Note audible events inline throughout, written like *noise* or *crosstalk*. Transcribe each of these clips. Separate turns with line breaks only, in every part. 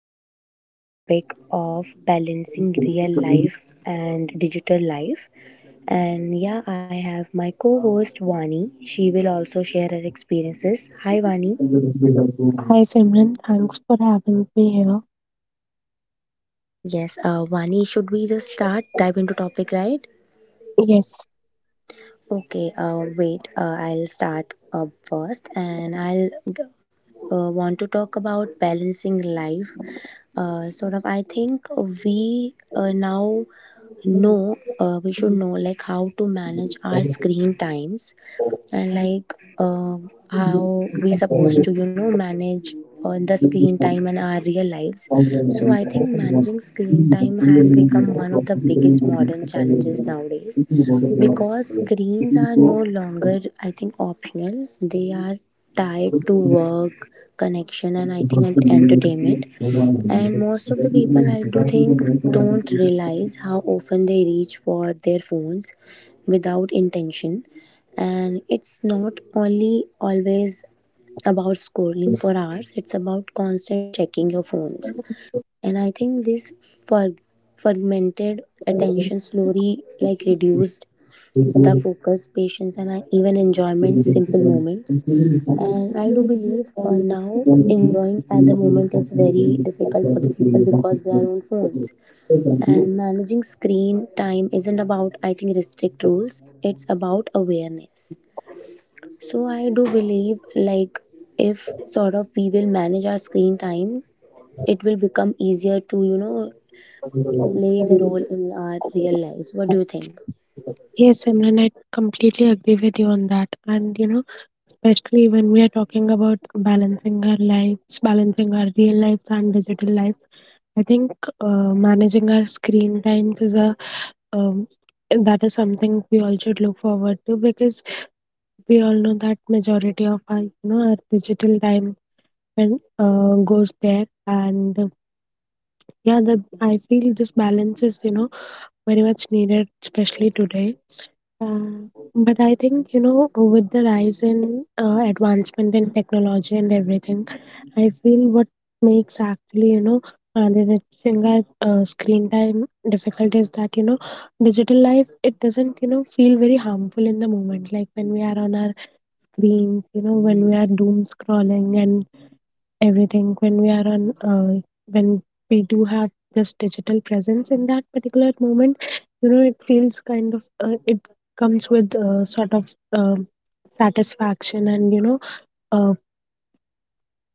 podcast on the topic of balancing real life and digital life. And yeah, I have my co-host Vani. She will also share her experiences. Hi Vani.
Hi Simran, thanks for having me here.
Yes, Vani, should we just start dive into topic, right?
Yes,
Okay, wait, I'll start first and I'll want to talk about balancing life. Sort of, I think we now know, we should know like how to manage our screen times and like how we supposed to, manage the screen time and our real lives. So I think managing screen time has become one of the biggest modern challenges nowadays because screens are no longer, I think, optional, they are tied to work, connection, and I think entertainment. And most of the people, I do think, don't realize how often they reach for their phones without intention. And it's not only always about scrolling for hours, it's about constant checking your phones. And I think this frag- fragmented attention slowly like reduced the
*laughs*
focus, patience, and even enjoyment, simple
Yes,
moments. And I do believe now enjoying at the moment is very difficult for the people because they are on phones. And managing screen time isn't about, I think, restrict rules, it's about awareness. So I do believe, like, if sort of we will manage our screen time, it will become easier to, play the role in our real lives. What do you think?
Simran, I completely agree with you on that. And especially when we are talking about balancing our lives, balancing our real lives and digital lives, I think managing our screen times is a um, that is something we all should look forward to, because we all know that majority of our you know our digital time and goes there. And, yeah, the I feel this balance is very much needed, especially today. uh, but I think, with the rise in advancement in technology and everything, I feel what makes actually managing our screen time difficult is that digital life, it doesn't feel very harmful in the moment, like when we are on our screens, when we are doom scrolling and everything, when we do have this digital presence in that particular moment. You know it feels kind of it comes with sort of satisfaction, and uh,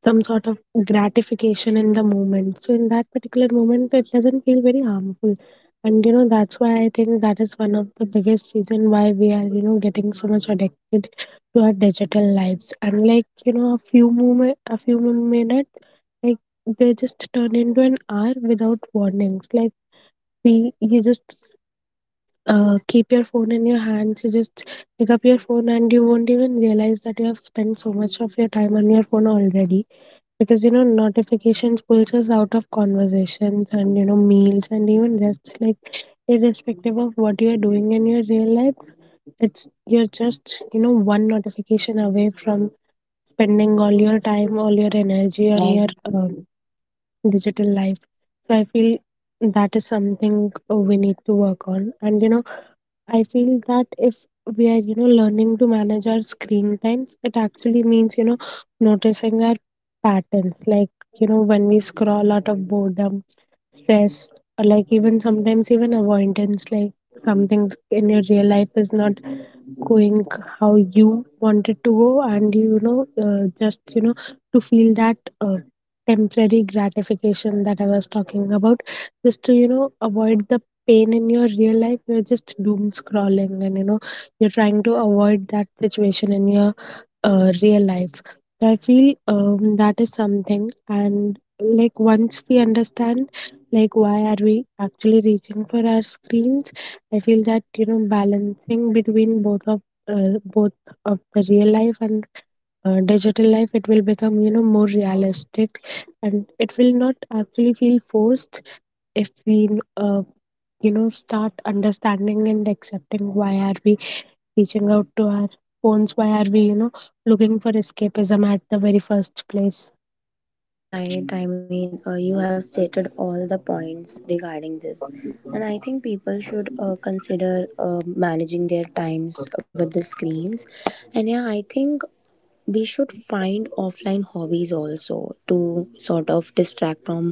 some sort of gratification in the moment. So in that particular moment, it doesn't feel very harmful. And that's why I think that is one of the biggest reason why we are getting so much addicted to our digital lives. And like a few moment, a few min- minutes, like they just turn into an hour without warnings. Like you just keep your phone in your hands. You just pick up your phone, and you won't even realize that you have spent so much of your time on your phone already, because notifications pulls us out of conversations and meals and even rest, like irrespective of what you are doing in your real life, it's you're just one notification away from spending all your time, all your energy on your
Right.
um, digital life. So I feel that is something, we need to work on. And I feel that if we are, learning to manage our screen times, it actually means, noticing our patterns. Like, when we scroll out of boredom, stress, or like even sometimes even avoidance, like something in your real life is not going how you wanted to go. And just to feel that temporary gratification that I was talking about, just to avoid the pain in your real life. You're just doom scrolling, and you're trying to avoid that situation in your real life. So I feel that is something. And like once we understand, like why are we actually reaching for our screens? I feel that balancing between both of uh, both the real life and digital life, it will become more realistic, and it will not actually feel forced if we uh, start understanding and accepting. Why are we reaching out to our phones? Why are we, looking for escapism at the very first place?
Right, I mean, you have stated all the points regarding this, and I think people should consider managing their times with the screens. And yeah, I think we should find offline hobbies also to sort of distract from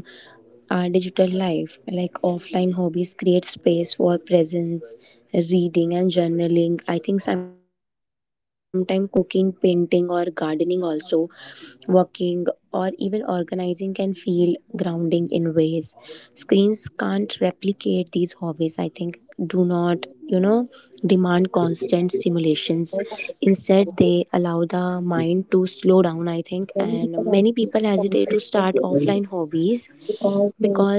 our digital life. Like offline hobbies create space for presence, reading, and journaling. I think sometimes cooking, painting, or gardening also, working, or even organizing can feel grounding in ways screens can't replicate these hobbies. I think do not, demand constant stimulations. Instead, they allow the mind to slow down, I think. And many people hesitate to start offline hobbies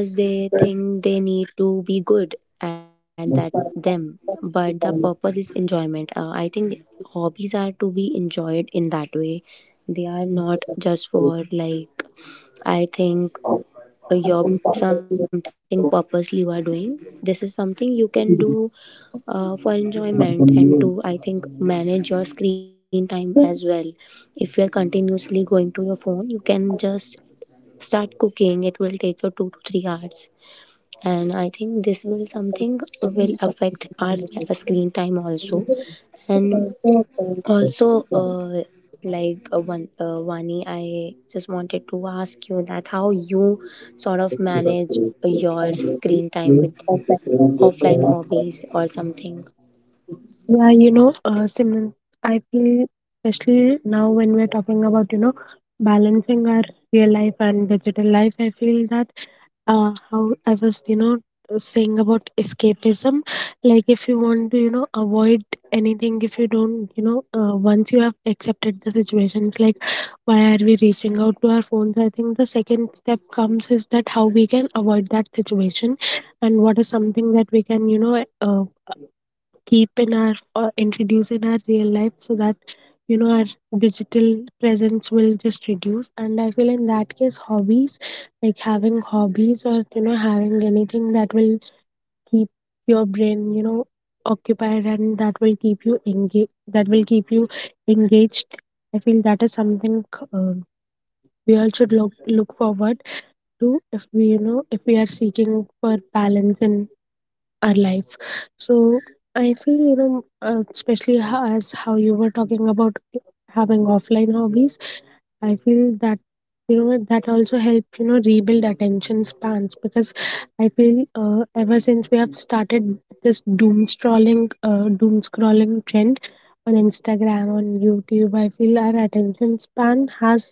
because they think they need to be good at that them. But the purpose is enjoyment. I think hobbies are to be enjoyed in that way. They are not just for like I think your something purposely you are doing, this is something you can do for enjoyment and to, I think, manage your screen time as well. If you're continuously going to your phone, you can just start cooking, it will take you 2 to 3 hours, and I think this will something will affect our screen time also. And also, like one, Vani, I just wanted to ask you that how you sort of manage your screen time with offline
*laughs*
hobbies or something.
Yeah, Simran, I feel especially now when we're talking about, balancing our real life and digital life, I feel that how I was, saying about escapism, like if you want to, avoid anything, if you don't, once you have accepted the situations, like why are we reaching out to our phones? I think the second step comes is that how we can avoid that situation, and what is something that we can, keep in our or introduce in our real life so that our digital presence will just reduce. And I feel in that case, hobbies, like having hobbies, or having anything that will keep your brain occupied, and that will keep you engaged. I feel that is something, um we all should look forward to, if we are seeking for balance in our life. So I feel especially as how you were talking about having offline hobbies, I feel that that also help rebuild attention spans, because I feel ever since we have started this doom scrolling trend on Instagram, on YouTube, I feel our attention span has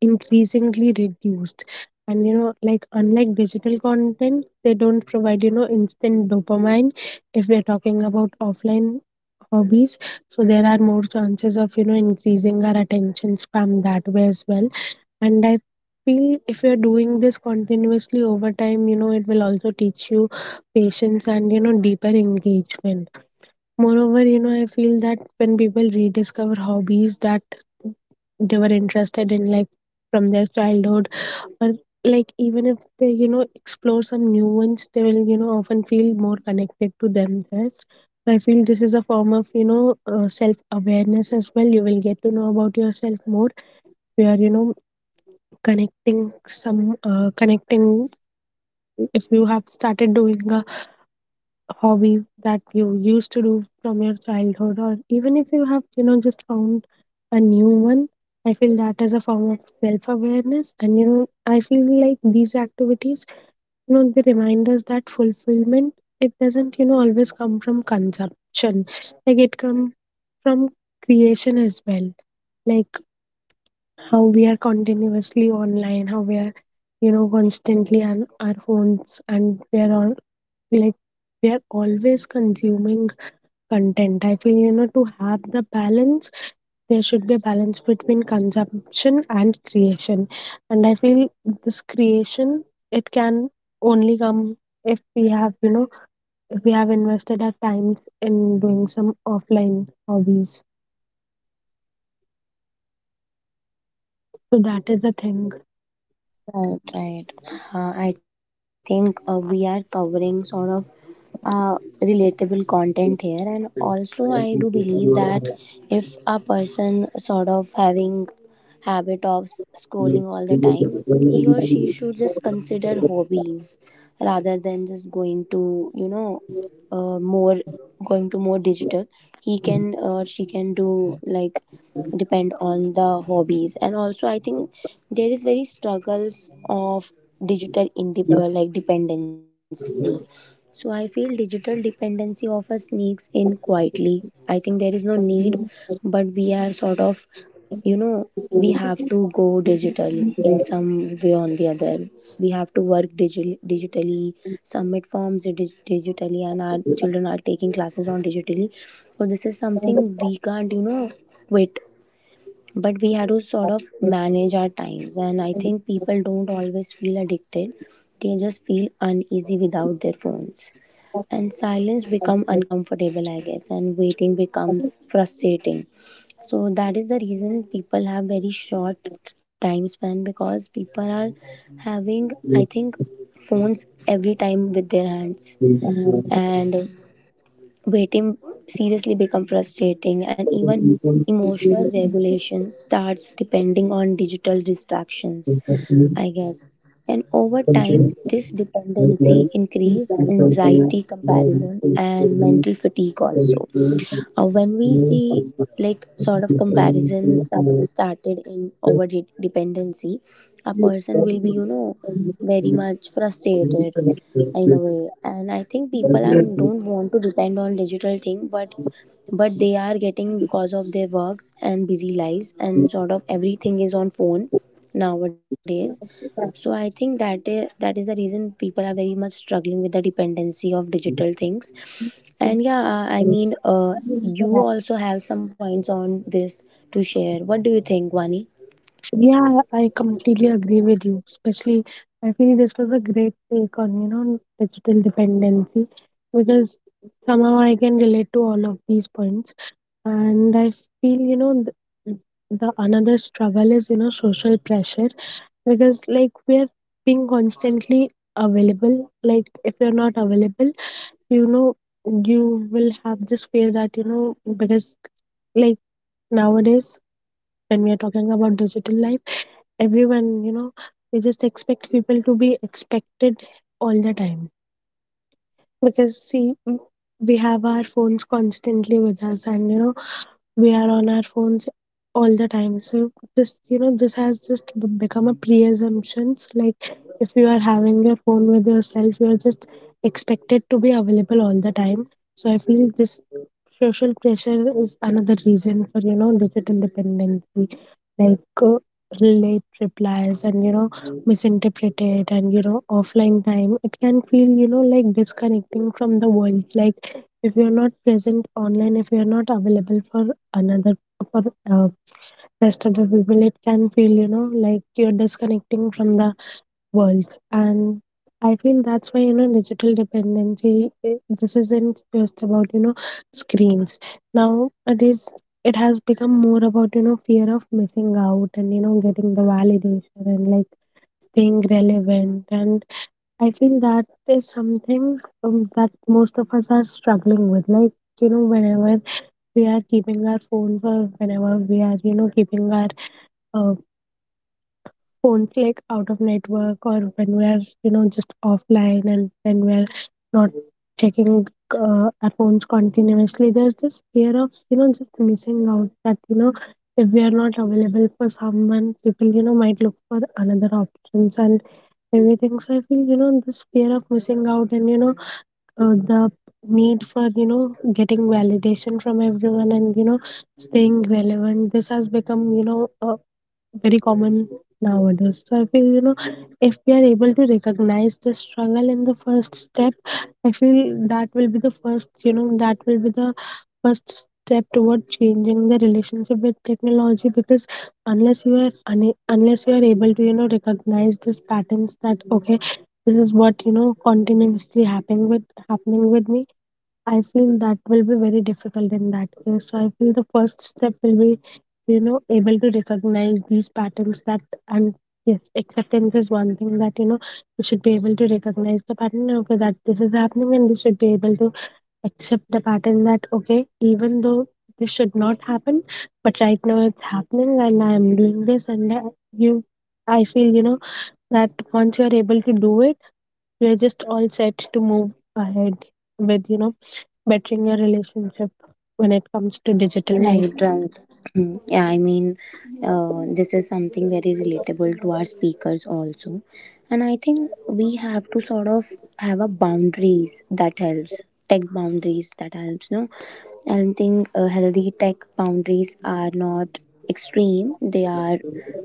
increasingly reduced. And like unlike digital content, they don't provide instant dopamine if we're talking about offline hobbies. So there are more chances of increasing our attention span that way as well. And I feel if you're doing this continuously over time, it will also teach you patience and deeper engagement. Moreover, I feel that when people rediscover hobbies that they were interested in, like from their childhood, or like even if they, explore some new ones, they will, often feel more connected to themselves. I feel this is a form of, self awareness as well. You will get to know about yourself more. You are, connecting. If you have started doing a hobby that you used to do from your childhood, or even if you have just found a new one, I feel that is a form of self awareness. And I feel like these activities, they remind us that fulfillment, it doesn't always come from consumption, like it come from creation as well. Like how we are continuously online, how we are constantly on our phones, and we are on like we are always consuming content. I feel, to have the balance, there should be a balance between consumption and creation. And I feel this creation, it can only come if we have you know if we have invested our times in doing some offline hobbies. So that is the thing.
Right, right. I think we are covering sort of uh, relatable content here, and also I do believe that if a person sort of having habit of scrolling all the time, he or she should just consider hobbies rather than just uh, more going to more digital. He can or she can do like depend on the hobbies, and also I think there is very struggles of digital like dependency. So I feel digital dependency often sneaks in quietly. I think there is no need, but we are sort of you know we have to go digital in some way or the other. We have to work digitally, submit forms digitally, and our children are taking classes on digitally. So this is something we can't quit, but we had to sort of manage our times. And I think people don't always feel addicted, they just feel uneasy without their phones, and silence become uncomfortable, I guess, and waiting becomes frustrating. So that is the reason people have very short time span, because people are having, I think, phones every time with their hands, and waiting seriously become frustrating, and even emotional regulation starts depending on digital distractions, I guess. And over time this dependency increase anxiety, comparison, and mental fatigue also. When we see like sort of comparison started in
Thank
over dependency, a person will be very much frustrated in a way. And I think people are don't want to depend on digital thing, but they are getting because of their works and busy lives, and sort of everything is on phone nowadays. So I think that is the reason people are very much struggling with the dependency of digital things. And yeah, I mean,
you.
you also have some points on this to share. What do you think, Vani?
Yeah, I completely agree with you. Especially, I feel this was a great take on, digital dependency, because somehow I can relate to all of these points. And I feel, the, the another struggle is, social pressure, because, like, we're being constantly available. Like, if you're not available, you know, you will have this fear that, because, like, nowadays, when we are talking about digital life, everyone, we just expect people to be expected all the time. Because see, we have our phones constantly with us, and we are on our phones all the time. So this you know this has just become a pre-assumptions, like if you are having your phone with yourself, you're just expected to be available all the time. So I feel this social pressure is another reason for digital dependency, like late replies and misinterpreted, and offline time. It can feel like disconnecting from the world, like if you're not present online, if you're not available for another for uh, rest of the people, it can feel like you're disconnecting from the world. And I feel that's why digital dependency, this isn't just about screens. Now it has become more about fear of missing out, and getting the validation, and like staying relevant. And I feel that is something, that most of us are struggling with, like you know whenever whenever we are keeping our uh, phones like out of network, or when we are just offline, and when we are not checking our phones continuously. There's this fear of just missing out, that if we are not available for someone, people might look for another options and everything. So I feel this fear of missing out, and the need for getting validation from everyone, and staying relevant, this has become a very common nowadays. So I feel if we are able to recognize the struggle in the first step, I feel that will be the first, step toward changing the relationship with technology, because unless you are able to recognize these patterns, that okay, this is what continuously happening with me. I feel that will be very difficult in that case. So I feel the first step will be, able to recognize these patterns, that and yes, acceptance is one thing that we should be able to recognize the pattern. Okay, that this is happening, and we should be able to accept the pattern that okay, even though this should not happen, but right now it's happening, and I am doing this, and you, I feel that once you are able to do it, you are just all set to move ahead with bettering your relationship when it comes to digital
Right,
life.
right. Mm. Yeah, I mean, this is something very relatable to our speakers also. And I think we have to sort of have a boundaries that helps, tech boundaries that helps, no? I think healthy tech boundaries are not extreme, they are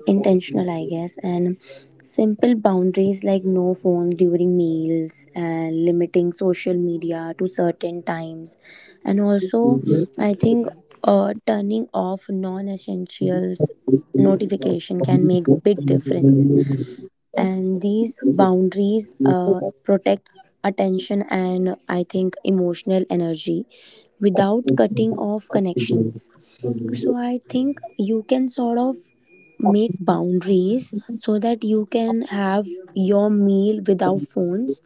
intentional, I guess. And simple boundaries like no phone during meals and limiting social media to certain times. And also, I think turning off non-essentials notification can make big difference, and these boundaries protect attention and, I think, emotional energy without cutting off connections. So I think you can sort of make boundaries so that you can have your meal without phones,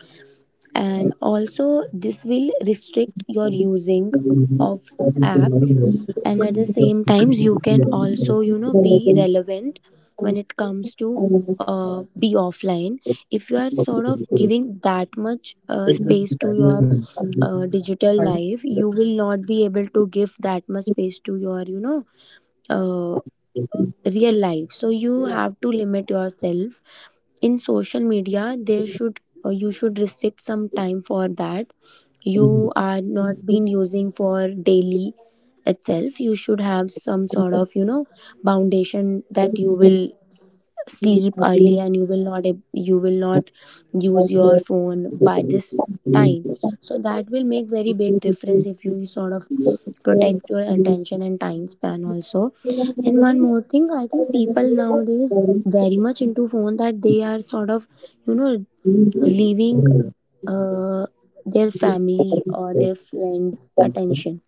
and also this will restrict your using of apps. And at the same times you can also be relevant when it comes to be offline. If you are sort of giving that much space to your digital life, you will not be able to give that much space to your uh, real life. So you have to limit yourself in social media. There should uh, you should restrict some time for that. You are not been using for daily itself. You should have some sort of foundation that you will sleep early, and you will not
*laughs*
use your phone by
I'm
this time. So that will make very big difference if you sort of protect your attention and time span also. And one more thing, I think people nowadays very much into phone that they are sort of you know leaving uh, their family or their friends' attention.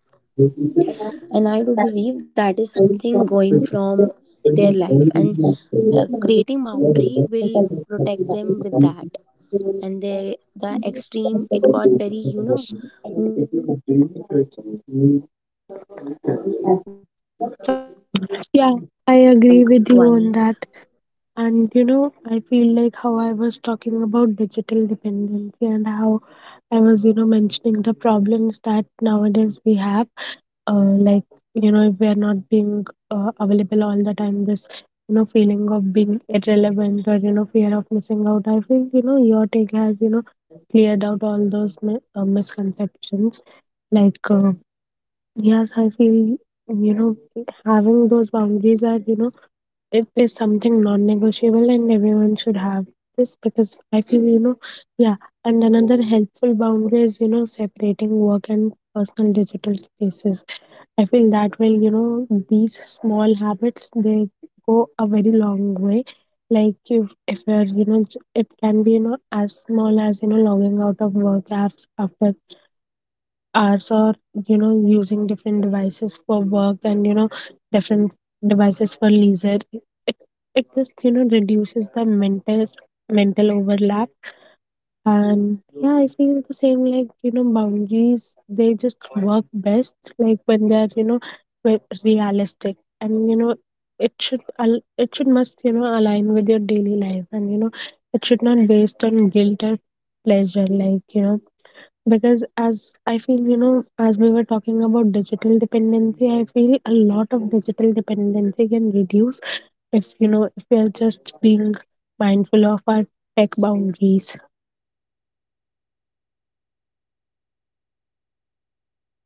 And I do believe that is something going from their life, and
not
creating boundary will protect them with that. And they, the extreme, it got very, not extreme one. We have to sort of start with tiny
sure.
ones. What do you think,
Yeah, I
Vani?
agree with you on that. And you know, I feel like how I was talking about digital dependency and how I was, you know, mentioning the problems that nowadays we have. Uh, like, you know, if we are not being available all the time, this, you know, feeling of being irrelevant or, you know, fear of missing out. I feel you know, your take has, you know, cleared out all those misconceptions. Like, uh, yes, I feel, you know, having those boundaries are, you know, it is something non-negotiable and everyone should have this because I feel, you know, yeah. And another helpful boundary is, you know, separating work and personal digital spaces. I feel that will, you know, these small habits they go a very long way. Like if you're, you know, it can be, you know, as small as you know logging out of work apps after hours or you know using different devices for work and you know different devices for leisure it, it just you know reduces the mental overlap. And yeah, I feel the same, like you know boundaries they just work best like when they are you know realistic, and you know it it should must you know align with your daily life, and you know it should not based on guilt or pleasure, like you know because as I feel you know, as we were talking about digital dependency, I feel a lot of digital dependency can reduce if you know if we are just being mindful of our tech boundaries.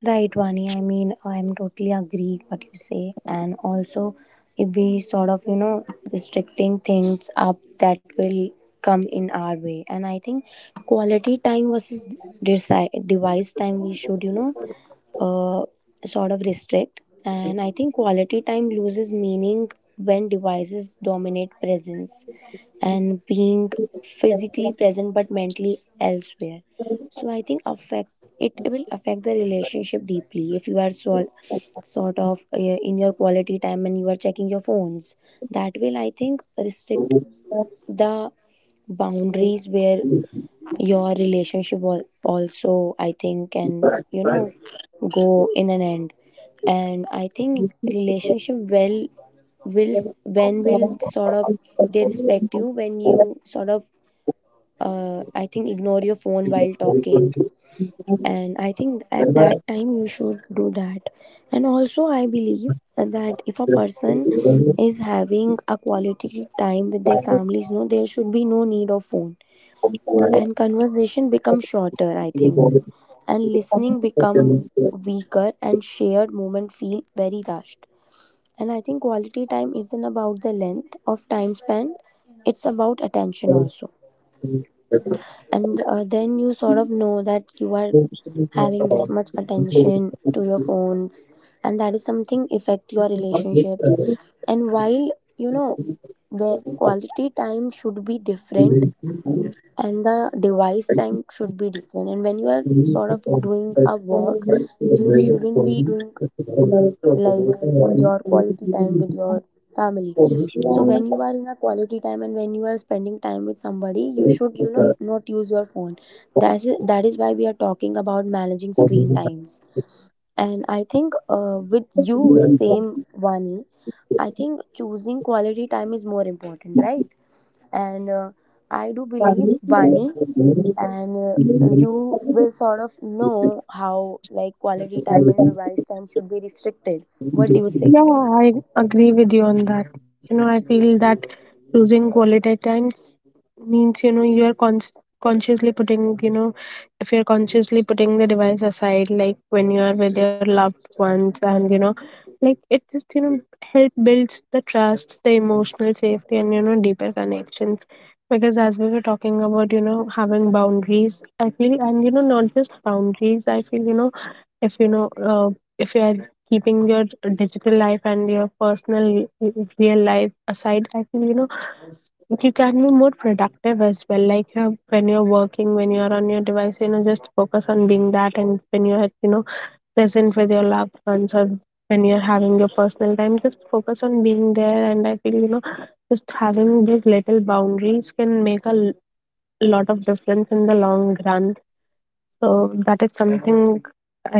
Right, Vani. I mean, I'm totally agree what you say, and also if we sort of restricting things up that will come in our way. And I think quality time versus device time we should uh, sort of restrict. And I think quality time loses meaning when devices dominate presence, and being physically present but mentally elsewhere. So I think affect it will affect the relationship deeply if you are so, sort of in your quality time and you are checking your phones. That will, I think, restrict the boundaries where your relationship also, I think, can go in an end. And I think relationship well will when will sort of they respect you when you sort of I think ignore your phone while talking. And I think at that time you should do that. And also I believe that if a person is having a quality time with their families, no, there should be no need of phone. And conversation becomes shorter, I think, and listening become weaker, and shared moment feel very rushed. And I think quality time isn't about the length of time spent, it's about attention also. And then you sort of know that you are having this much attention to your phones, and that is something affect your relationships. And while the quality time should be different and the device time should be different. And when you are sort of doing a work, you shouldn't be doing like your quality time with your family. So when you are in a quality time and when you are spending time with somebody, you should, not use your phone. That is why we are talking about managing screen times. And I think with you, same Vani, I think choosing quality time is more important, right? And I do believe Vani, and you will sort of know how like quality time and device time should be restricted. What do you say?
Yeah, I agree with you on that. You know, I feel that choosing quality times means, you know, you are consciously putting, you know, if you're consciously putting the device aside, like when you are with your loved ones, and, you know, like it just, you know, help builds the trust, the emotional safety, and, you know, deeper connections. Because as we were talking about, you know, having boundaries, I feel, and, you know, not just boundaries, I feel, you know, if you know if you are keeping your digital life and your personal real life aside, I feel you know you can be more productive as well, like when you're working, when you're on your device, you know just focus on being that, and when you're you know present with your loved ones, or when you're having your personal time, just focus on being there. And I feel you know just having those little boundaries can make a lot of difference in the long run. So that is something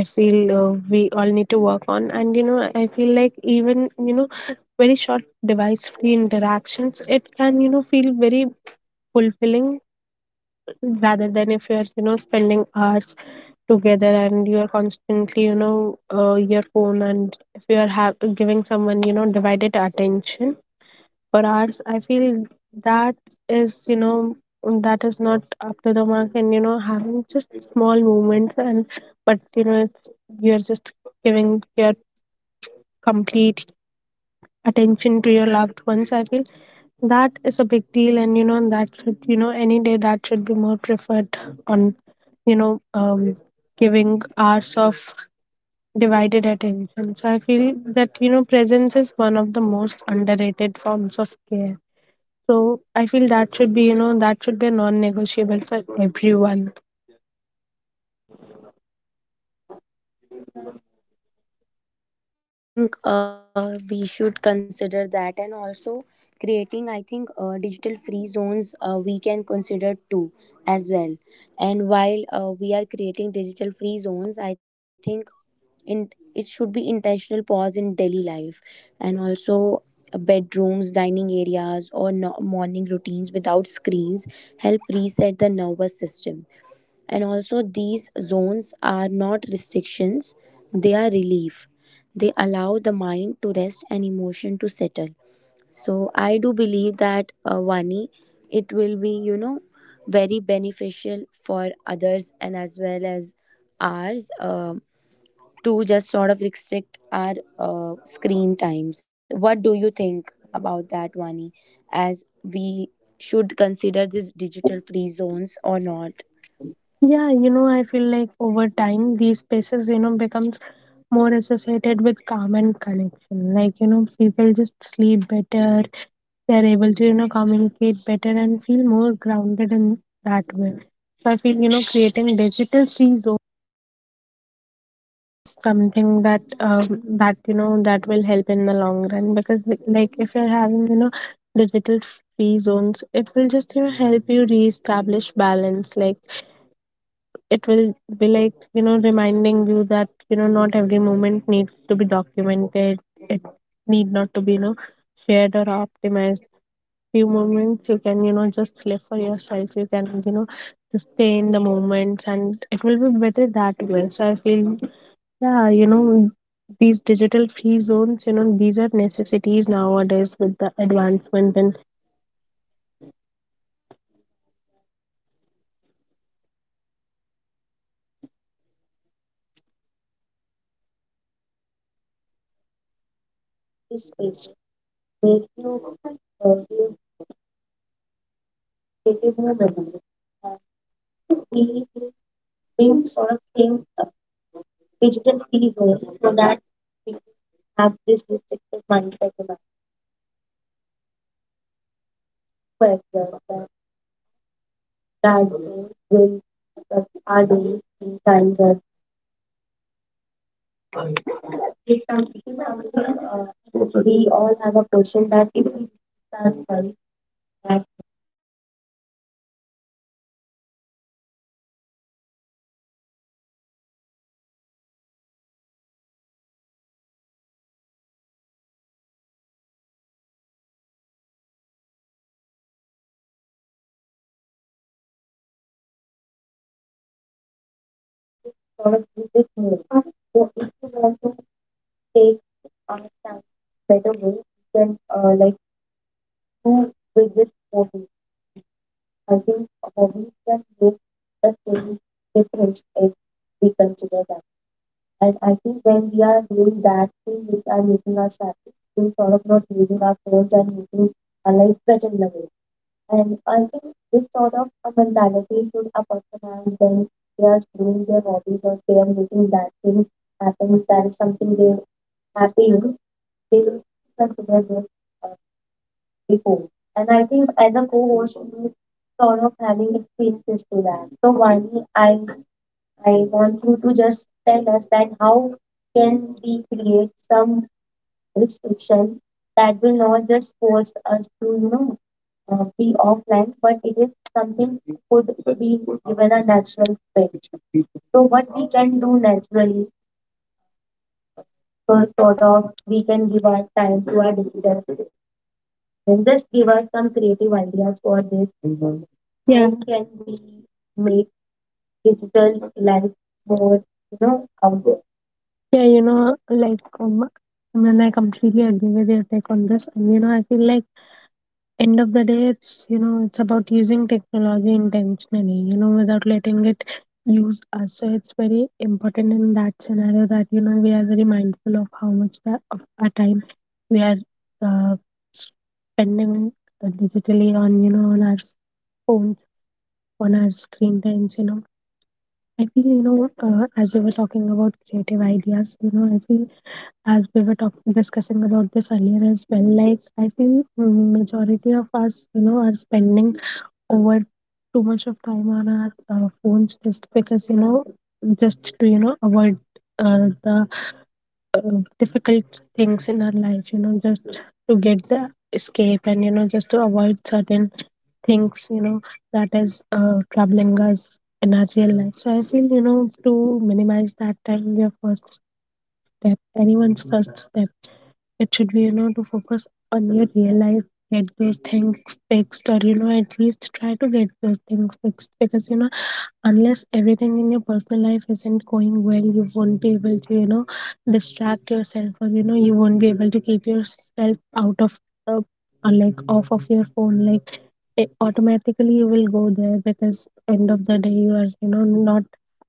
I feel we all need to work on. And you know, I feel like even you know, very short device free interactions, it can you know feel very fulfilling, rather than if you're you know spending hours together and you're constantly you know your phone, and if you are giving someone you know divided attention for hours, I feel that is you know that is not up to the mark. And you know having just small movements, and but you know it's you're just giving your complete attention to your loved ones, I feel that is a big deal, and you know that should you know any day that should be more preferred on you know um giving hours of divided attention. So I feel that you know presence is one of the most underrated forms of care, so I feel that should be, you know, that should be a non-negotiable for everyone.
Right, Vani. I think we should consider that, and also creating, I think, digital free zones we can consider too as well. And while we are creating digital free zones, I think in it should be intentional pause in daily life, and also bedrooms, dining areas, or morning routines without screens help reset the nervous system. And also, these zones are not restrictions, they are relief. They allow the mind to rest and emotion to settle. So, I do believe that, Vani, it will be, you know, very beneficial for others and as well as ours to just sort of restrict our screen times. What do you think about that, Vani? As we should consider these digital free zones or not?
Yeah, you know, I feel like over time these spaces, you know, becomes more associated with calm and connection. Like, you know, people just sleep better, they're able to, you know, communicate better and feel more grounded in that way. So I feel, you know, creating digital free zones is something that that you know that will help in the long run, because like if you're having you know digital free zones it will just you know help you reestablish balance. Like it will be like you know reminding you that you know not every moment needs to be documented, it need not to be you know shared or optimized. Few moments you can you know just live for yourself, you can you know just stay in the moments, and it will be better that way. So I feel yeah, you know, these digital free zones, you know, these are necessities nowadays with the advancement in
I think Vani, you are absolutely right in that way, and also I think Vani, uh, creating, yeah, creating sort of these
space.
spaces
Where
make you
you, you
give you know a
take
creative
a more
moments here,
uh,
and I think we
we
will having
bring
sort
sort of
of
thing,
same digital
digital
free
free
zones
zone, so
so
that
that
we
we will have
have
this
this restricted
restricted
mindset
mindset
in
in us. And I do want from you
our as
as well
well. That
that how do you see
that
that
we
zones
will,
will
that
affect our
our
daily
days in
screen
time
times or
that
not. I think this
it's
some
something,
this is something
uh,
we
we
all
all
have
have
a
a question
question that
that if
if we
we
restrict
start
ourselves in that way, if we are needing sort of same spaces, do you think we will can restrict the safe zones or sort of fun, like you know screen times? And I think everybody has the same opinion that if we are you know considering it restriction, then we will sort
Product
of use
with
it
me.
more.
So
So
if
if you
you
want
want to
to
take
take our
understand
time in
better
better
way,
way,
you
we
can
can
like
like
do
do with
with this
this
hobby.
hobbies. And
I
I
think
think
hobbies
hobbies
can
can
make
make the
the same
same
difference
difference
if
if we
we
consider
consider that.
that. And
And
I
I think
think when
when
we
we
are
are
doing
doing
that
that
thing
thing
which
which
are
are
making
making
us
us happy,
happy, we will
we
sort
sort
of
of not
not using
using
our
our
phones
phones
and
and
making
making
our
our life
lives better
better
in
in
a
a way.
way. And
And
I
I
think
think this
this
sort
sort
of
of a
a
mentality
mentality
should
should
a
a person
person
have
have when
when
they
they
are
are
doing
doing
their
their hobbies
hobbies or
or they
they
are
are making
making
that
that
thing
thing
happen.
happen,
That
that
is
is
something
something they
they are
happy
happy in.
in, they will
They should
consider
consider
this
this
uh,
uh,
before.
before.
And
And I
I think
think
as
as a
a co-host,
co-host you
you
sort
sort of
of having
having experiences
experiences to
to that.
that. So
So
Vani,
Vani,
i
I
i
want
want
you
you to
to just
just
tell
tell
us
us
that
that how
how
can
can
we
we create
create some
some
restriction
restriction
that
that will
will not
not just
just
force
force
us
us
to
to
you know be
be
offline,
offline, but
but it
it
is
is something
something could
could be
be given
given a
a
natural
natural space.
space.
So
So
what
what we
we can
can do
do naturally,
naturally, uh,
so
so sort
sort
of
of we
we can
can give
give
our
our
time
time
to
to
our
our digital
visitors.
space
Then
and
just
just
give
give
us
us
some
some
creative
creative
ideas
ideas
for
for
this.
this. How
Yeah. How can
can
we
we
make
make digital
digital life
life more
more,
you
you know,
know
out
out
there?
there?
Yeah, you know, like I mean, I completely agree with your take on this, and you know, I feel like end of the day it's you know it's about using technology intentionally, you know without letting it use us. So it's very important in that scenario that you know we are very mindful of how much that of our time we are uh, spending digitally on you know on our phones, on our screen times. You know I feel you know as we were talking about creative ideas, you know I feel as we were talking discussing about this earlier as well, like I feel majority of us you know are spending over too much of time on our phones, just because you know just to you know avoid the difficult things in our life, you know just to get the escape and you know just to avoid certain things you know that is troubling us in our real life. So I feel you know to minimize that time, your first step, anyone's first step, it should be you know to focus on your real life, get those things fixed, or you know at least try to get those things fixed, because you know unless everything in your personal life isn't going well, you won't be able to you know distract yourself, or you know you won't be able to keep yourself out of uh, or like off of your phone. Like it automatically you will go there, because end of the day you are you know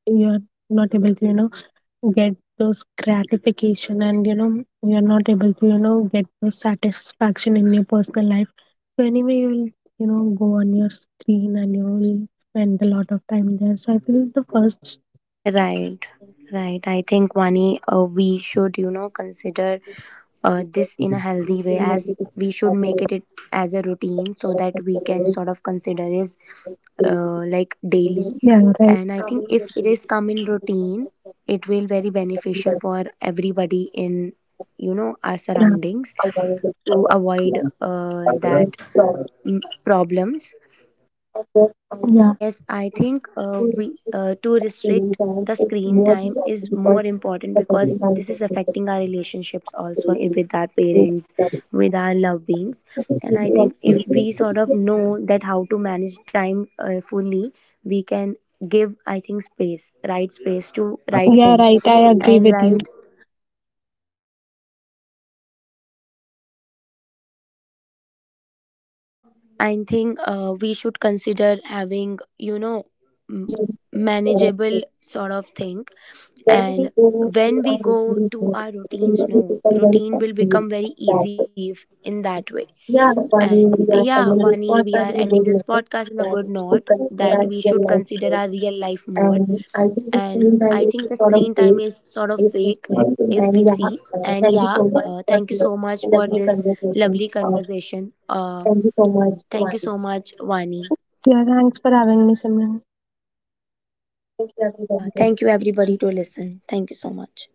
you are not able to you know get those gratification, and you know you're not able to you know get those satisfaction in your personal life. So anyway you will you know go on your screen and you will spend a lot of time there. So I feel the first
Right, right. I think Vani, we should you know consider this in a healthy way, as we should make it as a routine so that we can
*laughs*
sort of consider is like daily.
yeah right
And I think if it is come in routine, it will very beneficial for everybody in you know our
yeah
surroundings, to avoid that problems. And yes I think we to restrict the screen time is more important because
yeah,
this is affecting our relationships also, with our parents, with our loved beings. And I think if we sort of know that how to manage time fully, we can give I think space, right space to right
yeah,
thing.
right. I agree
And
with you.
right, I think we should consider having, you know, m-
Yeah,
manageable sort of thing. And when we go to our routines, no, routine will become very easy if in that way. And yeah, Vani, we are ending this podcast on a good note that we should consider our real life more. And I think the screen time is sort of fake if we see. And yeah, thank you so much for this lovely conversation. Thank you so much, Vani.
thanks for having me, Simran. Thank you,
Yeah,
everybody.
thank you everybody to listen. Thank you so much.